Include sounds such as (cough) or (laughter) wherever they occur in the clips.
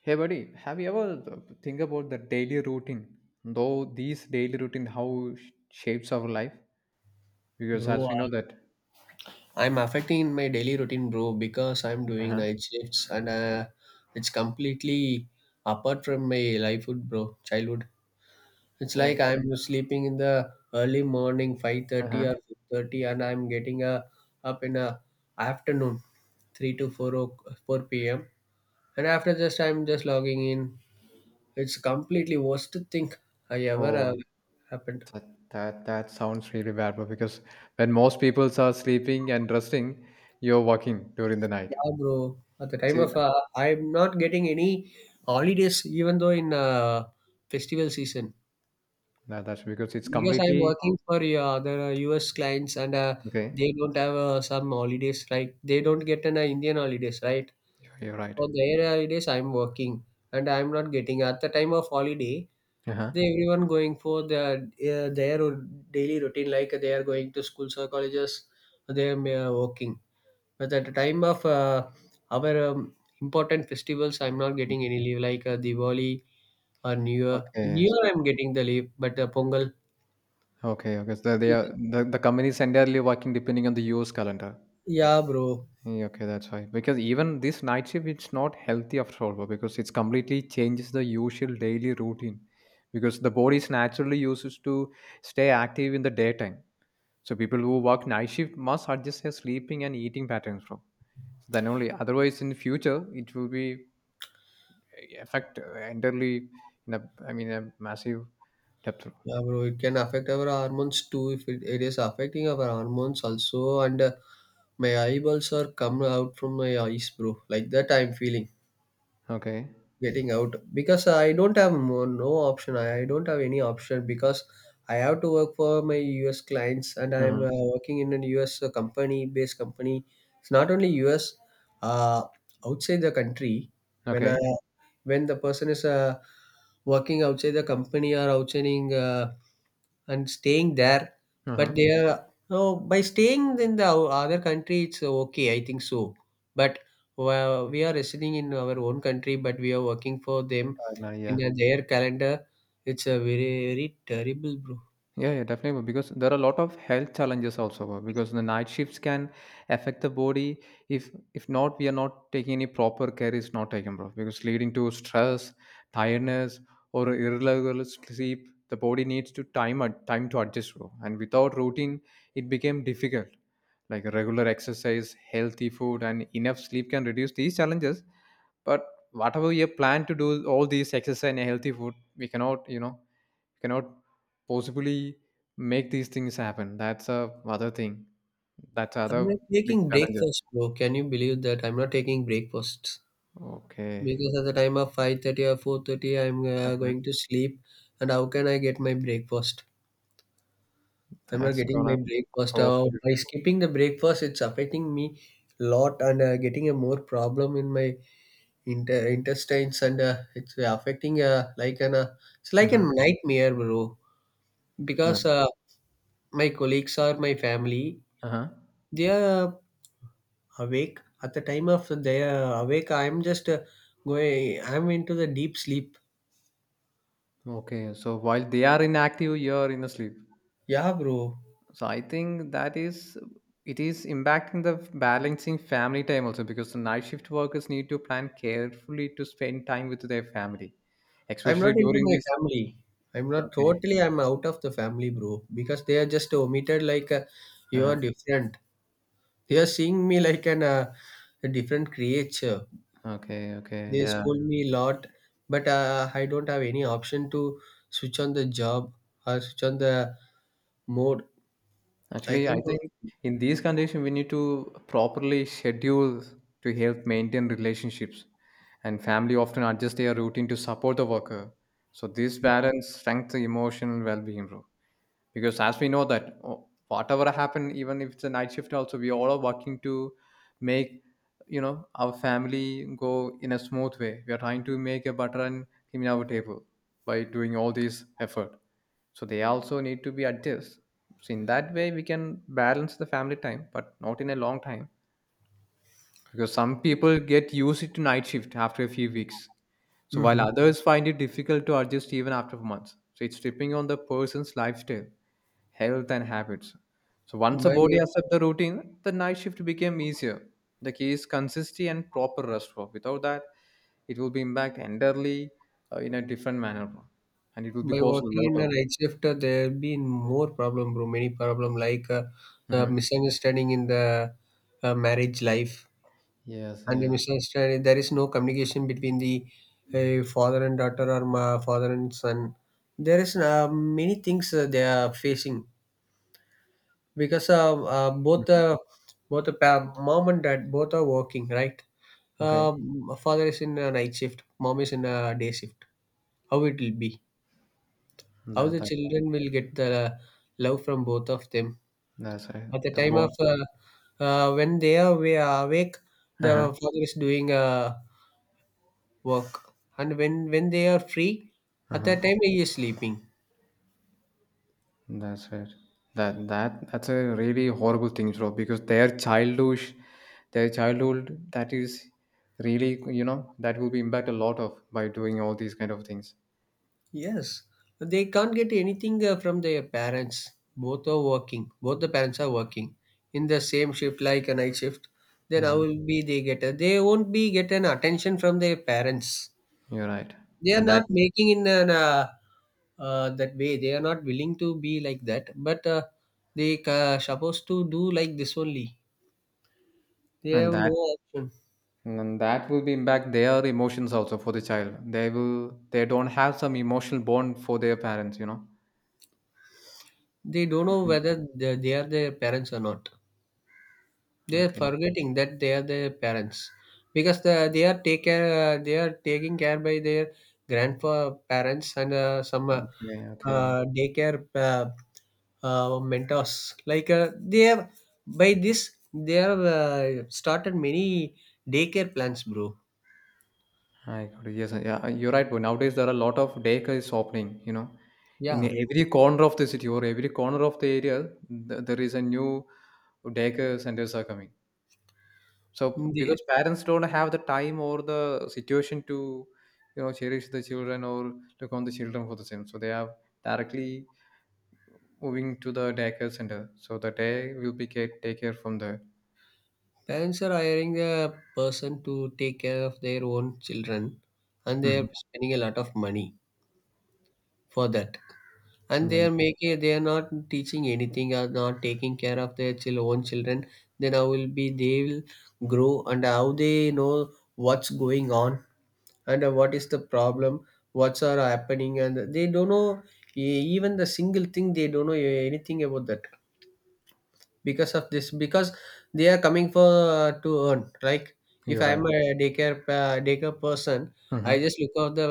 Hey buddy, have you ever think about the daily routine? Though these daily routine shapes our life, because Bro, as we know that, I'm affecting my daily routine, bro, because I'm doing uh-huh, night shifts and it's completely apart from my lifehood, bro, childhood. It's oh, like I'm sleeping in the early morning, 5:30 or uh-huh, 6:30, and I'm getting up in afternoon, 3 to 4 o 4 p.m. And after this, I'm just logging in. It's completely worst thing I ever oh, happened. that, that sounds really bad. But because when most people are sleeping and resting, you're working during the night. Yeah, bro. At the It's time a, of, I'm not getting any holidays, even though in festival season, no, that's because it's because I'm completely working for other US clients and okay. they don't have some holidays, right? They don't get an Indian holidays, right? You're right. For their holidays, I'm working and I'm not getting. At the time of holiday, Uh-huh. they everyone going for their their daily routine, like they are going to schools or colleges. They are working but at the time of our important festivals I'm not getting any leave like diwali or new year new Okay. year So I'm getting the leave but pongal. okay, okay. So they are the company is entirely working depending on the US calendar. Yeah, bro. Yeah, okay, that's why. Because even this night shift, it's not healthy after all, because it's completely changes the usual daily routine. Because the body is naturally used to stay active in the daytime. So people who work night shift must adjust their sleeping and eating patterns from. So then only otherwise in future it will be affect entirely in a I mean a massive depth. Yeah, bro, it can affect our hormones too if it is affecting our hormones also and my eyeballs are coming out from my eyes bro like that I'm feeling Okay. getting out because I don't have more, no option. I don't have any option because I have to work for my US clients and I'm Uh-huh. Working in a US company based company. It's not only US, uh, outside the country. When I Okay. when the person is working outside the company or outside in, and staying there. But Uh-huh. they are by staying in the other country, it's okay. I think so. But well, we are residing in our own country, but we are working for them in yeah. Their calendar. It's a very very terrible, bro. Yeah, yeah, definitely. But because there are a lot of health challenges also. Because the night shifts can affect the body if not we are not taking any proper care is not taken, bro. Because leading to stress, tiredness, or irregular sleep, the body needs to time to adjust, bro. And without routine, it became difficult. Like regular exercise, healthy food, and enough sleep can reduce these challenges. But whatever you plan to do, all these exercise and healthy food, we cannot, you know cannot possibly make these things happen. That's a other thing. That's I'm other not big taking challenges. breakfast, bro. Can you believe that I'm not taking breakfast? Okay, Because at the time of 5:30 or 4:30, I'm uh-huh. going to sleep, and how can I get my breakfast? I'm not That's getting gonna my breakfast. cost you. By skipping the breakfast, it's affecting me a lot and getting a more problem in my intestines and it's affecting like an it's like a Hmm. nightmare, bro. Yeah. Because my colleagues or my family, Uh-huh. they are awake at the time of they are awake. I'm just going. I'm into the deep sleep. Okay, so while they are inactive, you're in a sleep. Yeah, bro. So I think that is it is impacting the balancing family time also because the night shift workers need to plan carefully to spend time with their family, I'm not especially into during my this. family. I'm not Okay. totally. I'm out of the family, bro, because they are just omitted. Like you are Uh-huh. different. They are seeing me like an a different creature. Okay. Okay. They Yeah. scold me a lot, but I don't have any option to switch on the job or switch on the mode. I Actually, I can't do. think in these conditions, we need to properly schedule to help maintain relationships, and family often adjust their routine to support the worker. So this balance strengthens emotional well-being, bro, because as we know that oh, whatever happened, even if it's a night shift also, we all are working to make, you know, our family go in a smooth way. We are trying to make a butter and cream in our table by doing all this effort, so they also need to be adjust. So in that way we can balance the family time, but not in a long time, because some people get used to night shift after a few weeks, so while hmm others find it difficult to adjust even after months, so it's depending on the person's lifestyle, health and habits. So once the By body accepts the routine, the night shift became easier. The key is consistency and proper rest work. Without that, it will be impact entirely in a different manner, and it will be by cause a working lot in of. a night shift, there have been more problem, bro. Many problem like Mhm. misunderstanding in the marriage life Yes, and the yes. misunderstanding there is no communication between the father and daughter or father and son, there is many things they are facing because both Mhm. Both the mom and dad both are working, right? Okay, um, Father is in a night shift, mom is in a day shift. How it will be, how that the that's children will get the love from both of them that's right. at the The time bone. of when they are awake, Uh the huh. father is doing work, and when they are free, Uh at huh. that time he is sleeping. That's right. That's a really horrible thing, bro. Because their childhood, that is really, you know, that will be impact a lot of by doing all these kind of things. Yes, they can't get anything from their parents. Both are working, both the parents are working in the same shift like a night shift. Then how Hmm. will be they get a, they won't be get an attention from their parents. You're right, They are and that not making in an that way, they are not willing to be like that, but they supposed to do like this only. They and have no that option. and that will be impact their emotions also for the child. They will they don't have some emotional bond for their parents, you know. They don't know Mhm. whether they are their parents or not. They are Okay, forgetting that they are their parents because they are take care, they are taking care by their grandpa parents and some okay, okay. Daycare mentors. Like they have, by this they have started many daycare plans, bro. Ah, I got it. Yes, yeah, you're right. But nowadays there are a lot of daycare is opening. You know, in Yeah, every corner of the city or every corner of the area, there is a new daycare centers are coming. So because the parents don't have the time or the situation to, you know, cherish the children or look on the children for the same, so they are directly moving to the daycare center. So the day will be take care from there. parents are hiring a person to take care of their own children, and they Mhm. are spending a lot of money for that. And they Yeah, are making, they are not teaching anything, are not taking care of their own children. Then how will be they will grow, and how they know what's going on, and what is the problem, what's are happening, and they don't know even the single thing. They don't know anything about that because of this. Because they are coming for to earn. Like if you're I'm right. a daycare daycare person, I Hmm. just look at the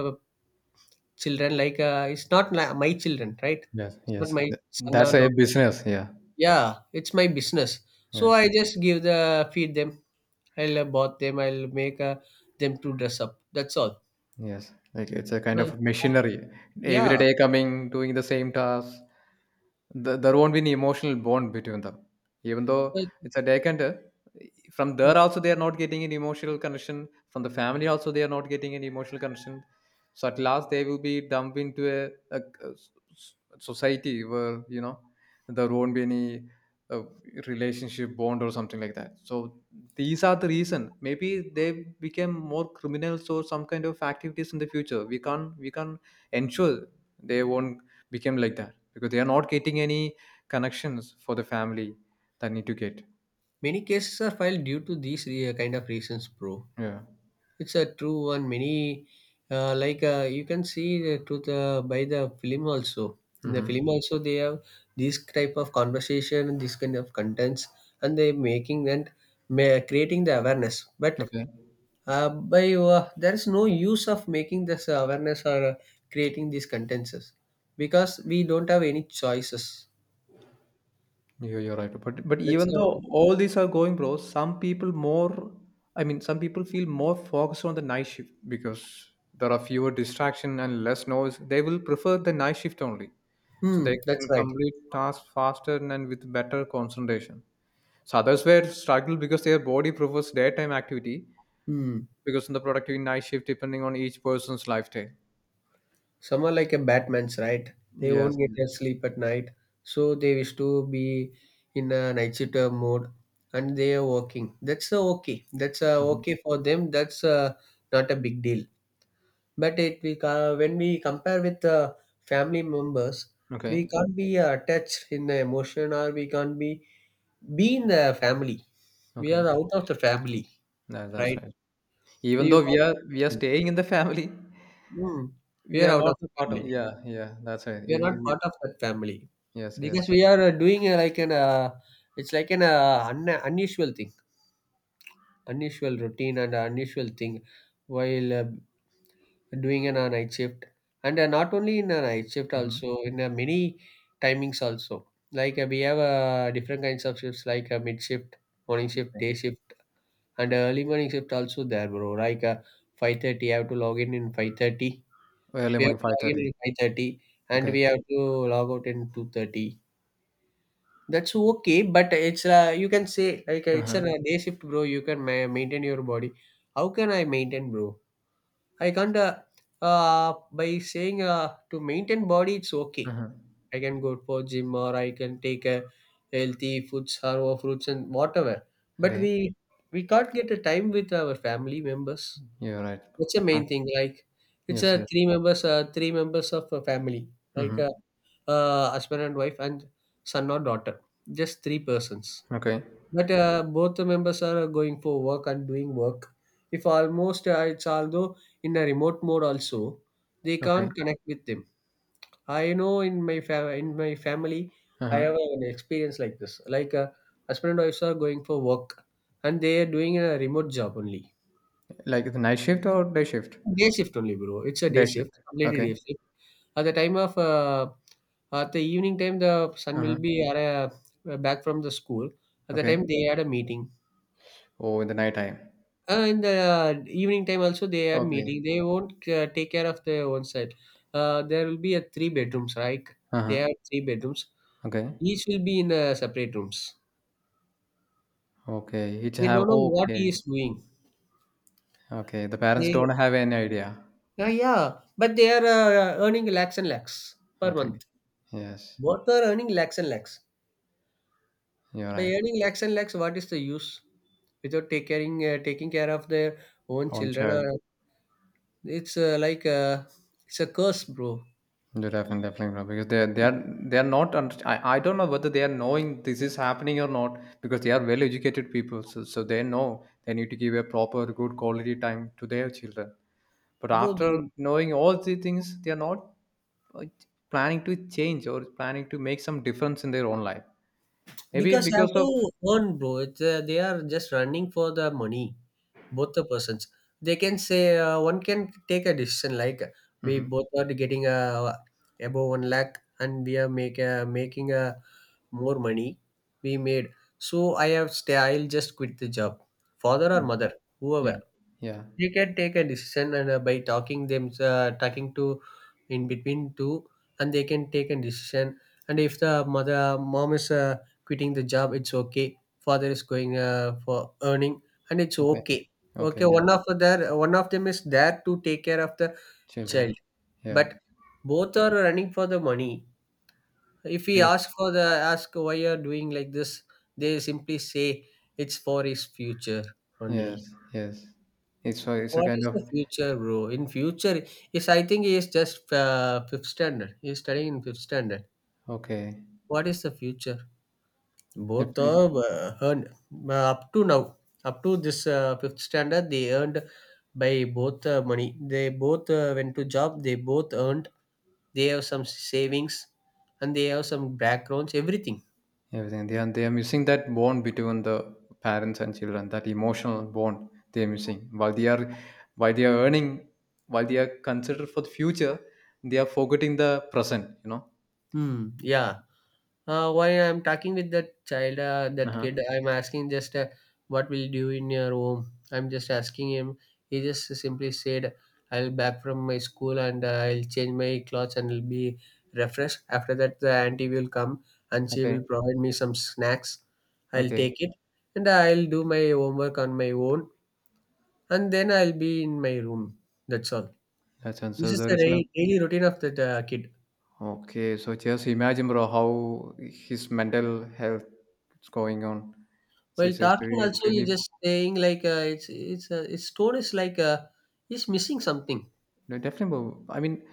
children like it's not my children, right? Yes, It's not yes. my son or That's a daughter. business. Yeah. Yeah, it's my business. So Yes. I just give the feed them. I'll bought them. I'll make them to dress up. That's all. Yes, like it's a kind Uh, of machinery. yeah, Every day coming, doing the same task. Th there won't be any emotional bond between them. Even though like, it's a vacant, from there also they are not getting any emotional connection. From the family also they are not getting any emotional connection. So at last they will be dumped into a s- society where you know there won't be any a relationship bond or something like that, so these are the reason maybe they became more criminals or some kind of activities in the future we can ensure they won't become like that because they are not getting any connections for the family that need to get. many cases are filed due to these kind of reasons, bro. Yeah. It's a true one. Many like you can see the truth by the film also. In the Mm-hmm. film also, they have this type of conversation, this kind of contents, and they making and creating the awareness. But Okay. By there is no use of making this awareness or creating these contents because we don't have any choices. You're right. But that's even uh, though all these are going, bro, some people more. I mean, some people feel more focused on the night shift because there are fewer distraction and less noise. They will prefer the night shift only, so they that's can right. complete tasks faster and with better concentration. So others were struggle because their body prefers daytime activity hmm because in the productive night shift depending on each person's lifestyle. some are like a batman's, right? They Yes, won't get yes. their sleep at night, so they wish to be in a night shift mode, and they are working. That's okay, that's Mhm. okay for them. That's not a big deal. But when we compare with family members, we Okay. can't be attached in the emotion, or we can't be in the family. We are Okay. out of the family, That's right? right. So Even you though we are can't. staying in the family, Hmm, we we are are out not of a the part of, family. yeah, yeah, that's right. We are not part of that family Yes, because yes. we are doing like an it's like an unusual thing, unusual routine and unusual thing while doing in a night shift, and not only in a night shift, Hmm. also in many timings also. Like we have different kinds of shifts like mid shift, morning shift, Okay. day shift, and early morning shift also there bro, like 5:30. I have to log in 5:30, Early we morning, have to log 5:30. in 5:30, and Okay. we have to log out in 2:30. That's okay, but it's you can say like it's a Uh-huh. day shift bro. You can maintain your body. How can I maintain bro? I can't. Uh by saying to maintain body it's okay. Uh-huh. I can go for gym, or I can take a healthy foods or fruits and whatever. But Okay. we can't get a time with our family members. You're right. That's the Uh, main thing. Like it's yes, a yes. three members of a family. Like Mm-hmm. a husband and wife and son or daughter. Just three persons, Okay. but both the members are going for work and doing work, if almost it's although in a remote mode also they Okay. can't connect with them. I know in my in my family, I have Uh-huh. an experience like this. Like husband and wife are going for work, and they are doing a remote job only, Like the night shift or day shift? day shift only, bro. It's a Day day shift. shift, completely Okay. day shift. At the time of at the evening time, the son Uh-huh. will be at a, back from the school. At the Okay. time, they had a meeting. Oh, in the night time. In the evening time also they are Okay. meeting. They won't take care of their own side. There will be a three bedrooms, right? They Uh-huh. have three bedrooms. Okay. Each will be in separate rooms. Okay. It They have don't know what okay. he is doing. Okay. The parents They, don't have any idea. Yeah, but they are earning lakhs and lakhs per Okay. month. Yes. Both are earning lakhs and lakhs. You're By right. earning lakhs and lakhs, what is the use? Without taking care of their own Own children, child. or it's like it's a curse, bro. You're definitely, definitely right because they are not. Under- I don't know whether they are knowing this is happening or not because they are well educated people. So, so they know they need to give a proper good quality time to their children. But Bro, after they, knowing all these things, they are not uh, planning to change or planning to make some difference in their own life. Maybe because I have because to of earn, bro. It's, they are just running for the money, both the persons. They can say one can take a decision like, we Mhm. both are getting a above 1 lakh, and we are making a more money we made. So I have stay. I'll just quit the job, father or mother, whoever Yeah, yeah, they can take a decision and by talking to in between two, and they can take a decision. And if the mother mom is quitting the job, it's okay. Father is going for earning, and it's okay, okay. okay, Okay, yeah, one of them is there to take care of the child. children, yeah, But both are running for the money. If we because, ask for the, ask why you're doing like this, they simply say it's for his future only. yes, yes, it's a What kind is of the future, bro? In future, is I think he is just fifth standard. He is studying in fifth standard. okay, What is the future? Both if of earned up to now, up to this fifth standard, they earned by both money. They both went to job. They both earned. They have some savings, and they have some backgrounds. Everything. everything. They are missing that bond between the parents and children, that emotional bond they are missing. While they are earning, while they are considered for the future, they are forgetting the present. You know. Hmm. Yeah. While I'm talking with that child, that Uh-huh. kid, I'm asking just what will you do in your home. I'm just asking him. He just simply said, "I'll back from my school and I'll change my clothes and I'll be refreshed. After that, the auntie will come and she Okay. will provide me some snacks. I'll Okay. take it and I'll do my homework on my own and then I'll be in my room. That's all." That's and This so is there the is no. Daily routine of the kid. Okay. So just imagine, bro, how his mental health is going on. While This is talking really, also, you really just saying like it's its tone is like he's missing something. no, definitely, bro. I mean,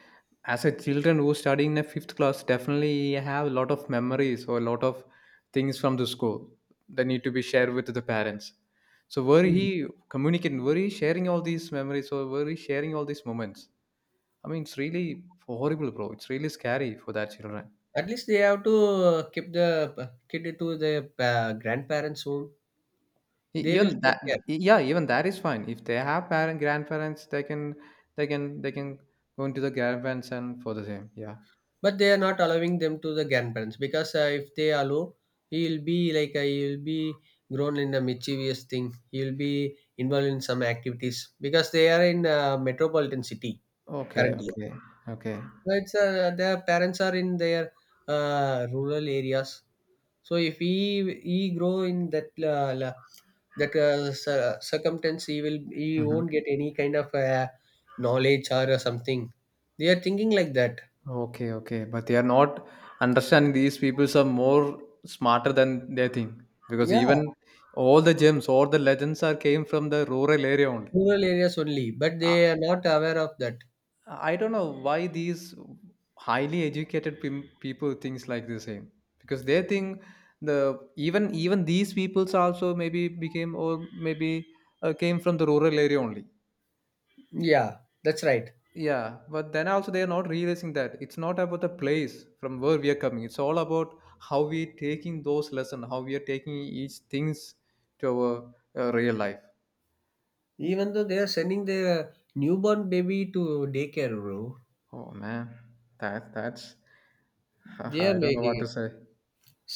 as a children who study in a fifth class, definitely have a lot of memories or a lot of things from the school that need to be shared with the parents. So were Mm. he communicating, were he sharing all these memories or were he sharing all these moments? I mean, it's really horrible, bro. It's really scary for that children. At least they have to keep the kid to the grandparents home. They will Even that, take care, yeah, even that is fine. If they have parent, grandparents, they can go into the grandparents and for the same. Yeah. but they are not allowing them to the grandparents because if they allow, he will be like he will be grown in a mischievous thing. He will be involved in some activities because they are in metropolitan city Okay. currently. Okay. Okay. So it's their parents are in their rural areas. So if he grow in that that circumstance, he Mhm. won't get any kind of knowledge or something. They are thinking like that. Okay, okay, but they are not understanding these peoples are more smarter than they think because even Yeah, all the gems all the legends are came from the rural area only. rural areas only, but I, they are not aware of that. I don't know why these highly people thinks like the same because they think the even these peoples also maybe became or maybe came from the rural area only. Yeah, that's right. Yeah, but then also they are not realizing that it's not about the place from where we are coming. It's all about how we taking those lessons, how we are taking each things to our real life. Even though they are sending their newborn baby to daycare, bro, Oh man, that that's (laughs) they are I don't know what making to say.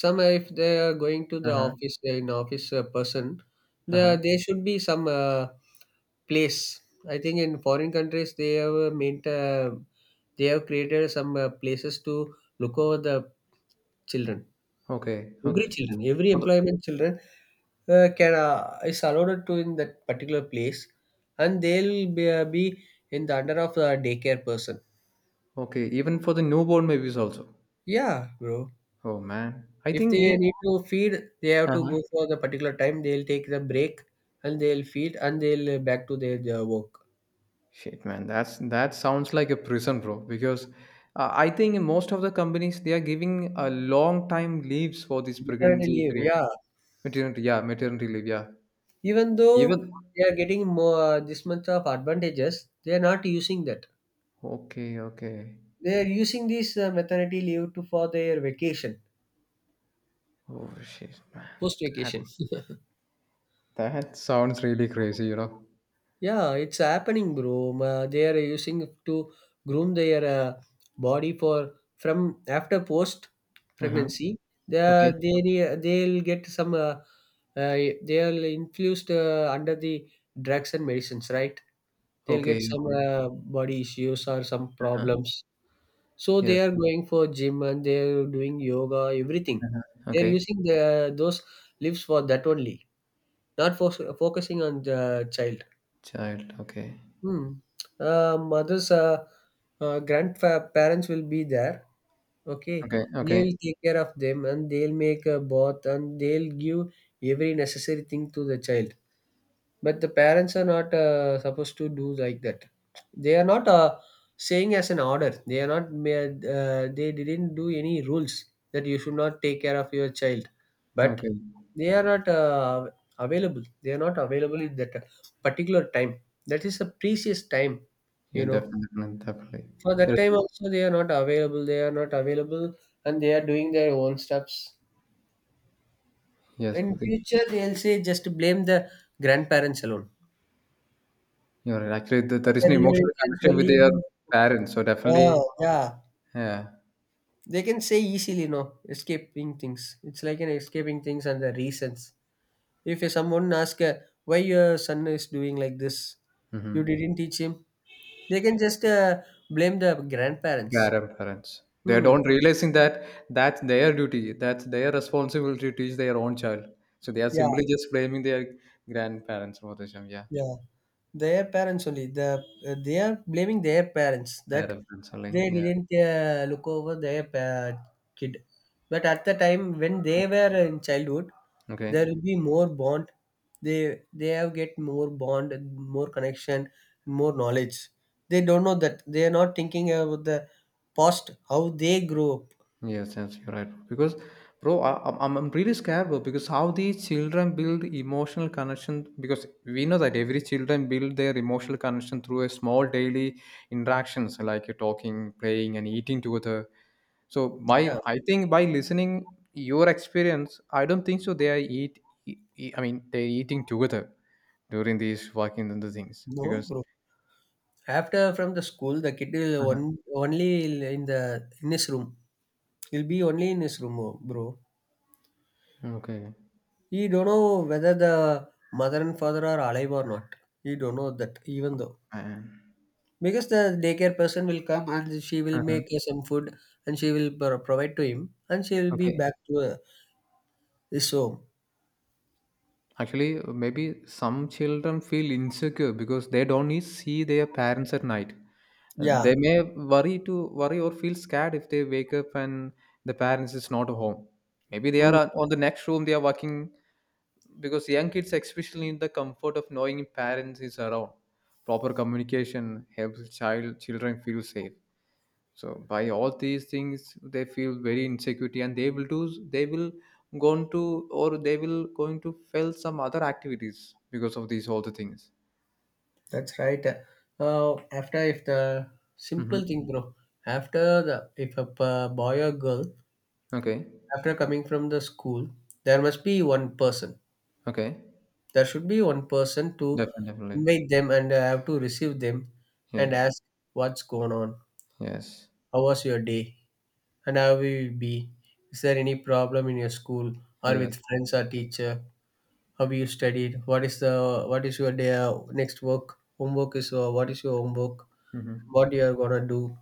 some, if they are going to Uh the huh. office, they're in office person, Uh there huh. there should be some place. I think in foreign countries they have created some places to look over the children. Okay. Okay. Every children, every For the, employment children can is allowed to in that particular place, and they'll be in the under of a daycare person. okay. Even for the newborn babies also. Yeah, bro. Oh man, I If think. they need to feed, they have to Uh, go for the particular time. They'll take the break and they'll feed and they'll back to their work. shit, man, that's that sounds like a prison, bro. Because I think in most of the companies they are giving a long time leaves for this Maternity pregnancy leave, period, yeah. maternity, yeah, maternity leave, yeah. Even though Even they are getting more this much of advantages, they are not using that. okay, okay. They are using this maternity leave to for their vacation, Oh shit, man, post that vacation. that sounds really crazy, you know. Yeah, it's happening, bro. They are using it to groom their body for from after post Uh huh. pregnancy. Okay, They'll get some. Uh, they'll infused under the drugs and medicines, right? They'll get okay, some okay. Body issues or some Uh-huh. problems. So Yes. they are going for gym and they are doing yoga, everything. They are Okay. using the those lives for that only, not for focusing on the child. Child. Okay. Hmm. Uh, mothers, uh, grandparents will be there. Okay, Okay. Okay. they'll take care of them and they'll make a bath and they'll give every necessary thing to the child. But the parents are not supposed to do like that. They are not saying as an order. They are not. Ma- they didn't do any rules that you should not take care of your child. But Okay. they are not available. They are not available in that particular time. That is a precious time, Yeah, you know. definitely, definitely. For that There's time also, they are not available. They are not available, and they are doing their own stuffs. yes. In future, they'll say just blame the grandparents alone. You're right. Actually, there (laughs) is Their no real emotional influence connection with their only- parents. So Ah, definitely, yeah, yeah. they can say easily no escaping things. It's like an escaping things and the reasons. If someone asks, why your son is doing like this, you Hmm. didn't teach him. They can just blame the grandparents. Parents. They Hmm. don't realizing that that's their duty. That's their responsibility to teach their own child. So they are Yeah, simply just blaming their grandparents for this. Yeah. yeah. Their parents only. They are blaming their parents Their that parents only. they Yeah. didn't look over their kid. But at the time when they were in childhood, Okay. there will be more bond. They have get more bond, and more connection, more knowledge. They don't know that they are not thinking about the past, how they grew up. Yes, yes, you're right. Because, bro, I, I'm really scared, bro. Because how these children build emotional connection. Because we know that every children build their emotional connection through a small daily interactions like talking, playing, and eating together. So Yeah. I think by listening your experience, I don't think so. They are eat. I mean, they're eating together during these working and the things No, because. bro. After from the school, the kid will Uh-huh. on, only in the in his room. He'll be only in his room, oh, bro. Okay. He don't know whether the mother and father are alive or not. He don't know that, even though Man. because the daycare person will come and she will Uh-huh. make some food and she will provide to him and she will be Okay. back to his home. Actually, maybe some children feel insecure because they don't need see their parents at night. Yeah. They may worry to worry or feel scared if they wake up and the parents is not home. Maybe they are Mm, on the next room. They are working because young kids especially need the comfort of knowing parents is around. Proper communication helps children feel safe. So by all these things, they feel very insecurity, and they will going to or they will going to fail some other activities because of these all the things. that's right. After if the simple Mm-hmm. thing, bro. After the if a boy or girl, Okay, after coming from the school, there must be one person. okay, There should be one person to definitely, definitely. invite them, and I have to receive them and Yes, ask what's going on. yes, How was your day? And how will you be? Is there any problem in your school or yes. with friends or teacher? How you studied? What is the what is your day, next work? Homework is what is your homework? Mm-hmm. What you are gonna do?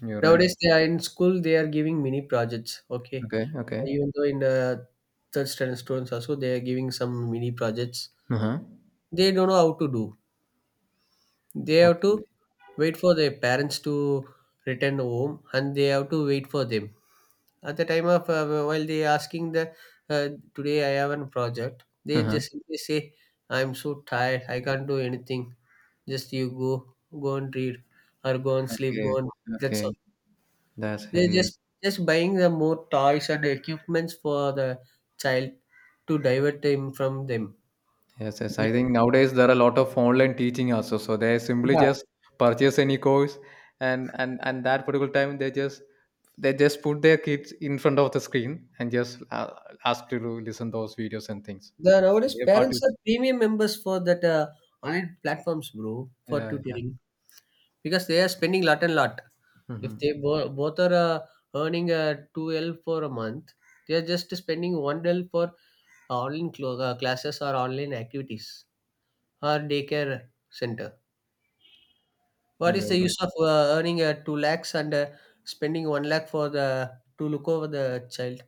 You're right. Nowadays, they are in school. They are giving mini projects. Okay, Okay, okay. even though in third standard students also, they are giving some mini projects. Uh huh. They don't know how to do. They have to Okay. wait for their parents to return home, and they have to wait for them. At the time of while they asking the uh, today I have a project, Uh they huh. just simply say I'm so tired. I can't do anything. Just you go, go and read or go and sleep. Okay. Go and that's all. Okay. That's it. They're Yeah. Just buying the more toys and equipments for the child to divert them from them. Yes, yes. Yeah, I think nowadays there are a lot of online teaching also. So they simply just purchase any course, and and that particular time they just put their kids in front of the screen and just ask to listen those videos and things. the nowadays Their part, parents are premium members for that online platforms, bro, for yeah, yeah. tutoring because they are spending lot and lot. If Hmm. they both are earning two L for a month, they are just spending one L for classes or online activities or daycare center. What is You're the right. use of earning 2 lakhs and spending 1 lakh for the to look over the child?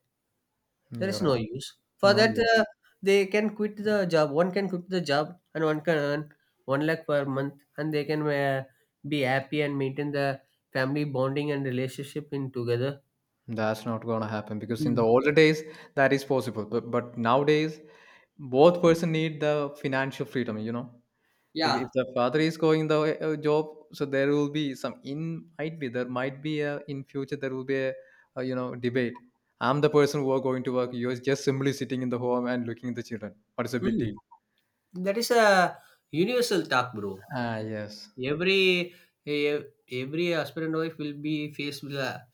There You're is no right. use. For No, that, yeah. They can quit the job. One can quit the job and one can earn 1 lakh per month, and they can be happy and maintain the family bonding and relationship in together. That's not gonna happen because in the Mm. older days that is possible, but nowadays both person need the financial freedom. You know. If, Yeah. if the father is going the job, so there will be some in might be there might be a in future there will be a you know debate. I'm the person who are going to work. You're just simply sitting in the home and looking at the children. What is a big Mm. deal? That is a universal talk, bro. Ah, yes, Every e- every husband and wife will be faced with a.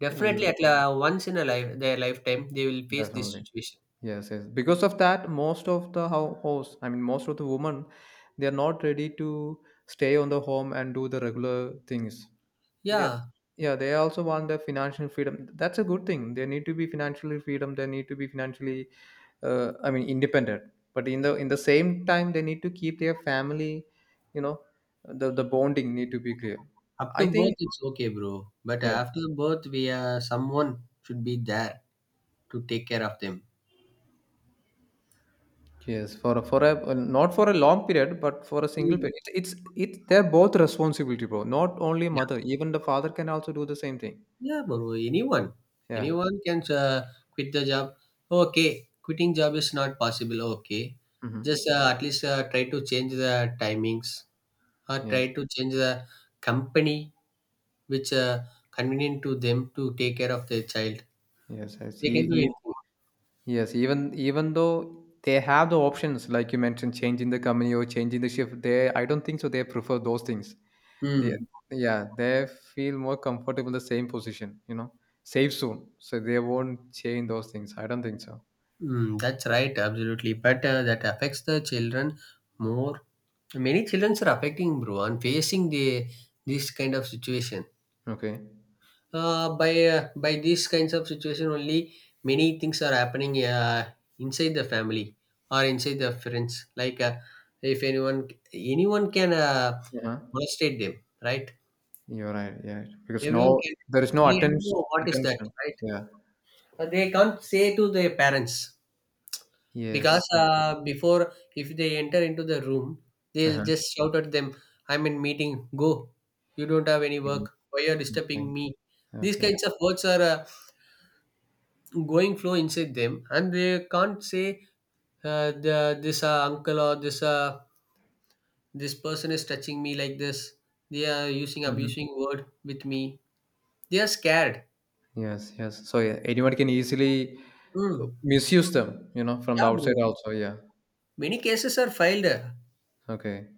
Definitely, yes, at once in a life, their lifetime, they will face this definitely. situation. Yes, yes. Because of that, most of the house, I mean, most of the women, they are not ready to stay on the home and do the regular things. They, Yeah, yeah, they also want the financial freedom. That's a good thing. They need to be financially freedom. They need to be financially I mean independent, but in the same time they need to keep their family, you know, the bonding need to be clear. up to I think, birth it's okay, bro. But yeah, after birth, we someone should be there to take care of them. yes, for a well, not for a long period but for a single Mm. period, it's they're both responsibility, bro, not only Yeah, mother, even the father can also do the same thing. yeah, bro. Yeah. Anyone can quit the job. Okay, quitting job is not possible. Okay, just Hmm. At least try to change the timings or try Yes, to change the company which convenient to them to take care of their child. yes, yes, They can do he. anything. Yes, even even though they have the options, like you mentioned, changing the company or changing the shift, they I don't think so. They prefer those things. They, Hmm. yeah, they feel more comfortable the same position. You know, save soon, so they won't change those things. I don't think so. Mm, that's right, absolutely. But that affects the children more. Many children are affecting, bro, and facing the this kind of situation. Okay. By these kinds of situation only, many things are happening inside the family or inside the friends. Like, if anyone anyone can Yeah, molestate them, right? you're right. Yeah, because Everyone no, can. there is no They attention. know what is that, Attention. right? Yeah. They can't say to their parents because Yes. Before if they enter into the room, they'll Uh-huh. just shout at them. I'm in meeting. Go. You don't have any Okay. work. Why you're disturbing me? These Okay. kinds of words are going flow inside them, and they can't say this uncle or this this person is touching me like this. They are using Mhm. abusing word with me. They are scared. Yes. Yes. So yeah, anyone can easily Hmm. misuse them. You know, from the Yeah, outside bro, also. Yeah. many cases are filed Okay.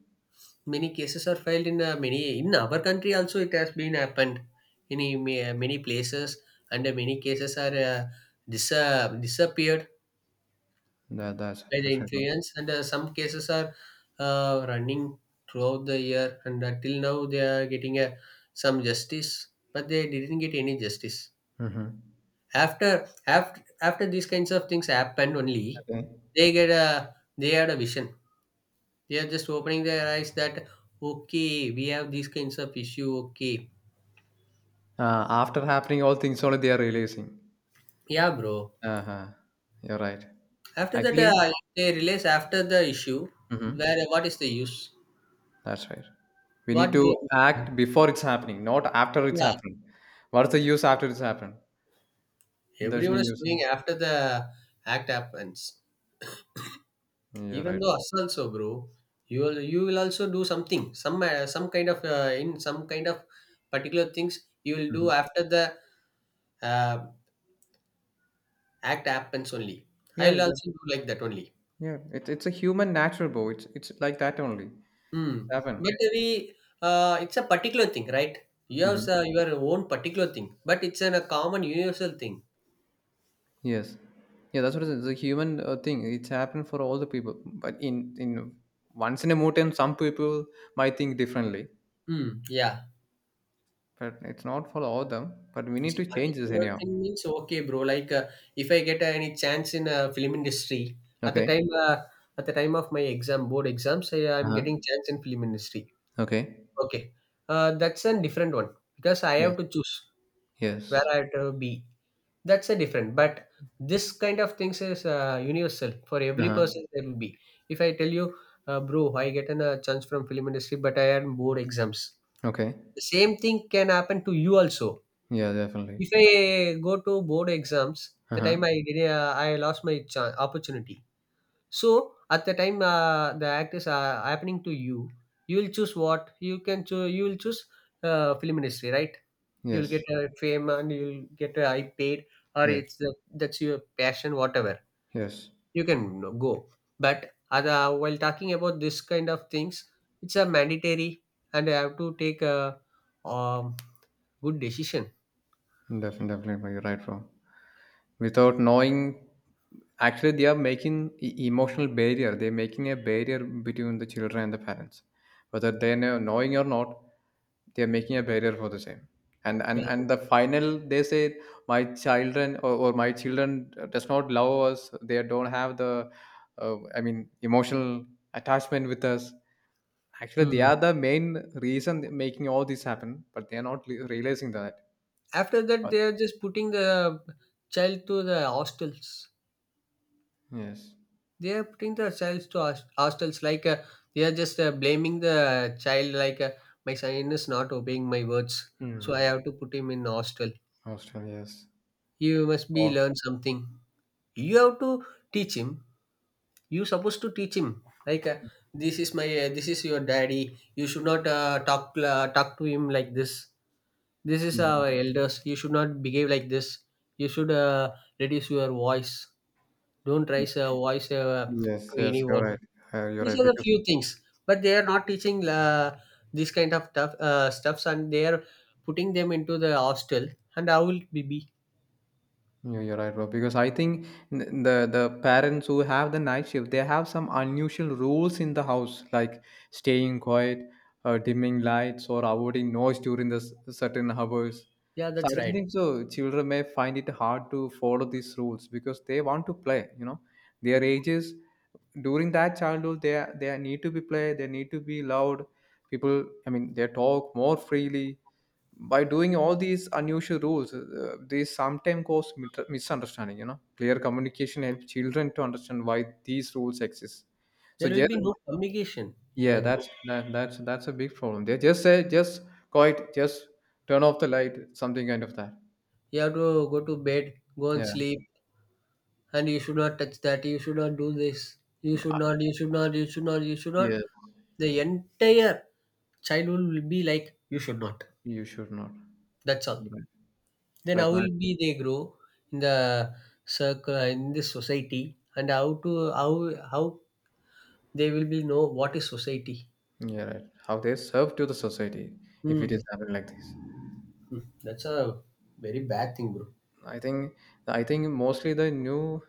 many cases are filed in many in our country also. It has been happened in many places, and many cases are disappeared by the That's right. influence, and some cases are running throughout the year, and till now they are getting some justice, but they didn't get any justice. Mm-hmm. After these kinds of things happened only, Okay. They had a vision. They are just opening their eyes that okay, we have these kinds of issue, okay. After happening all things only they are releasing. Yeah, bro. Uh-huh. You're right. After that, Actually, if they release after the issue, mm-hmm, where, what is the use? that's right. We need What to they, act before it's happening, not after it's yeah, happening. What's the use after it's happened? There's no everyone is use. doing after the act happens. You're Even right. though us also, bro, you will also do something, some kind of in some kind of particular things. You will do Mhm. after the uh, act happens only. Yeah, I'll that, also do like that only. yeah. It's a human natural, bro. It's like that only. It's Hmm. happened. But we, it's a particular thing, right? You have Mm-hmm. Your own particular thing, but it's a common universal thing. Yes, yeah, that's what it is. It's a human thing. It's happened for all the people, but in once in a lifetime, some people might think differently, Mm, yeah. but it's not for all them. But we need It's a to change this particular anyhow. thing means okay, bro. Like if I get any chance in film industry, at the Okay. time uh, at the time of my exam board exams, Uh I'm huh. getting chance in film industry. Okay. Okay, that's a different one, because I Yes. have to choose where Yes. I have to be. That's a different. But this kind of things is universal for Uh every huh. person. There will be. If I tell you, bro, I get a chance from film industry, but I had board exams. Okay. The same thing can happen to you also. Yeah, definitely. If I go to board exams, Uh the huh. time I did, I lost my chance, opportunity. So at the time the actors are happening to you, you will choose what you can choose. You will choose film industry, right? You will get Yes. Fame and you will get high paid, or Yes. it's that's your passion, whatever. Yes. You can, you know, go. But other, while talking about this kind of things, it's a mandatory, and I have to take a um, good decision. Definitely, definitely. You're right, bro. Without knowing, actually they are making emotional barrier. They're making a barrier between the children and the parents, whether they know knowing or not. They're making a barrier for the same. And and Yeah. and the final they say, my children or my children does not love us. They don't have the I mean emotional attachment with us. Actually they Hmm. are the main reason making all this happen, but they are not realizing that. After that, Uh, they are just putting the child to the hostels. yes. They are putting the child to hostels. Like they are just blaming the child. Like my son is not obeying my words, so I Hmm. have to put him in hostel. Australia, yes. You must be Oh, learn something. You have to teach him. You supposed to teach him, like this is your daddy, you should not talk to him like this. This is yeah. our elders, you should not behave like this. You should reduce your voice, don't raise a voice Yes, to yes, you're anyone. right. You're These right are the because few things, but they are not teaching this kind of tough stuffs, and they are putting them into the hostel, and how will it be? You're right, bro. Because I think the parents who have the night shift, they have some unusual rules in the house, like staying quiet, dimming lights, or avoiding noise during the certain hours. Yeah, So I that's don't right. think so. Children may find it hard to follow these rules because they want to play. You know, their ages during that childhood, they need to be play. They need to be loud. People, I mean, they talk more freely. By doing all these unusual rules, they sometimes cause misunderstanding. You know, clear communication helps children to understand why these rules exist. So There will yeah, be no communication. yeah, Even though, that's a big problem. They just say, just quiet, just turn off the light, something kind of that. you have to go to bed, go and Yeah. sleep, and you should not touch that, you should not do this, you should not, you should not, you should not, you should Yeah, not. The entire childhood will be like you should not, you should not. that's all. You're right, Then you're how will right. be they grow in the circle in this society, and how to, how, how they will be know what is society. Man, yeah, right, how they serve to the society if it is Hmm. happening like this. Hmm. That's a very bad thing, bro. i think I think mostly the new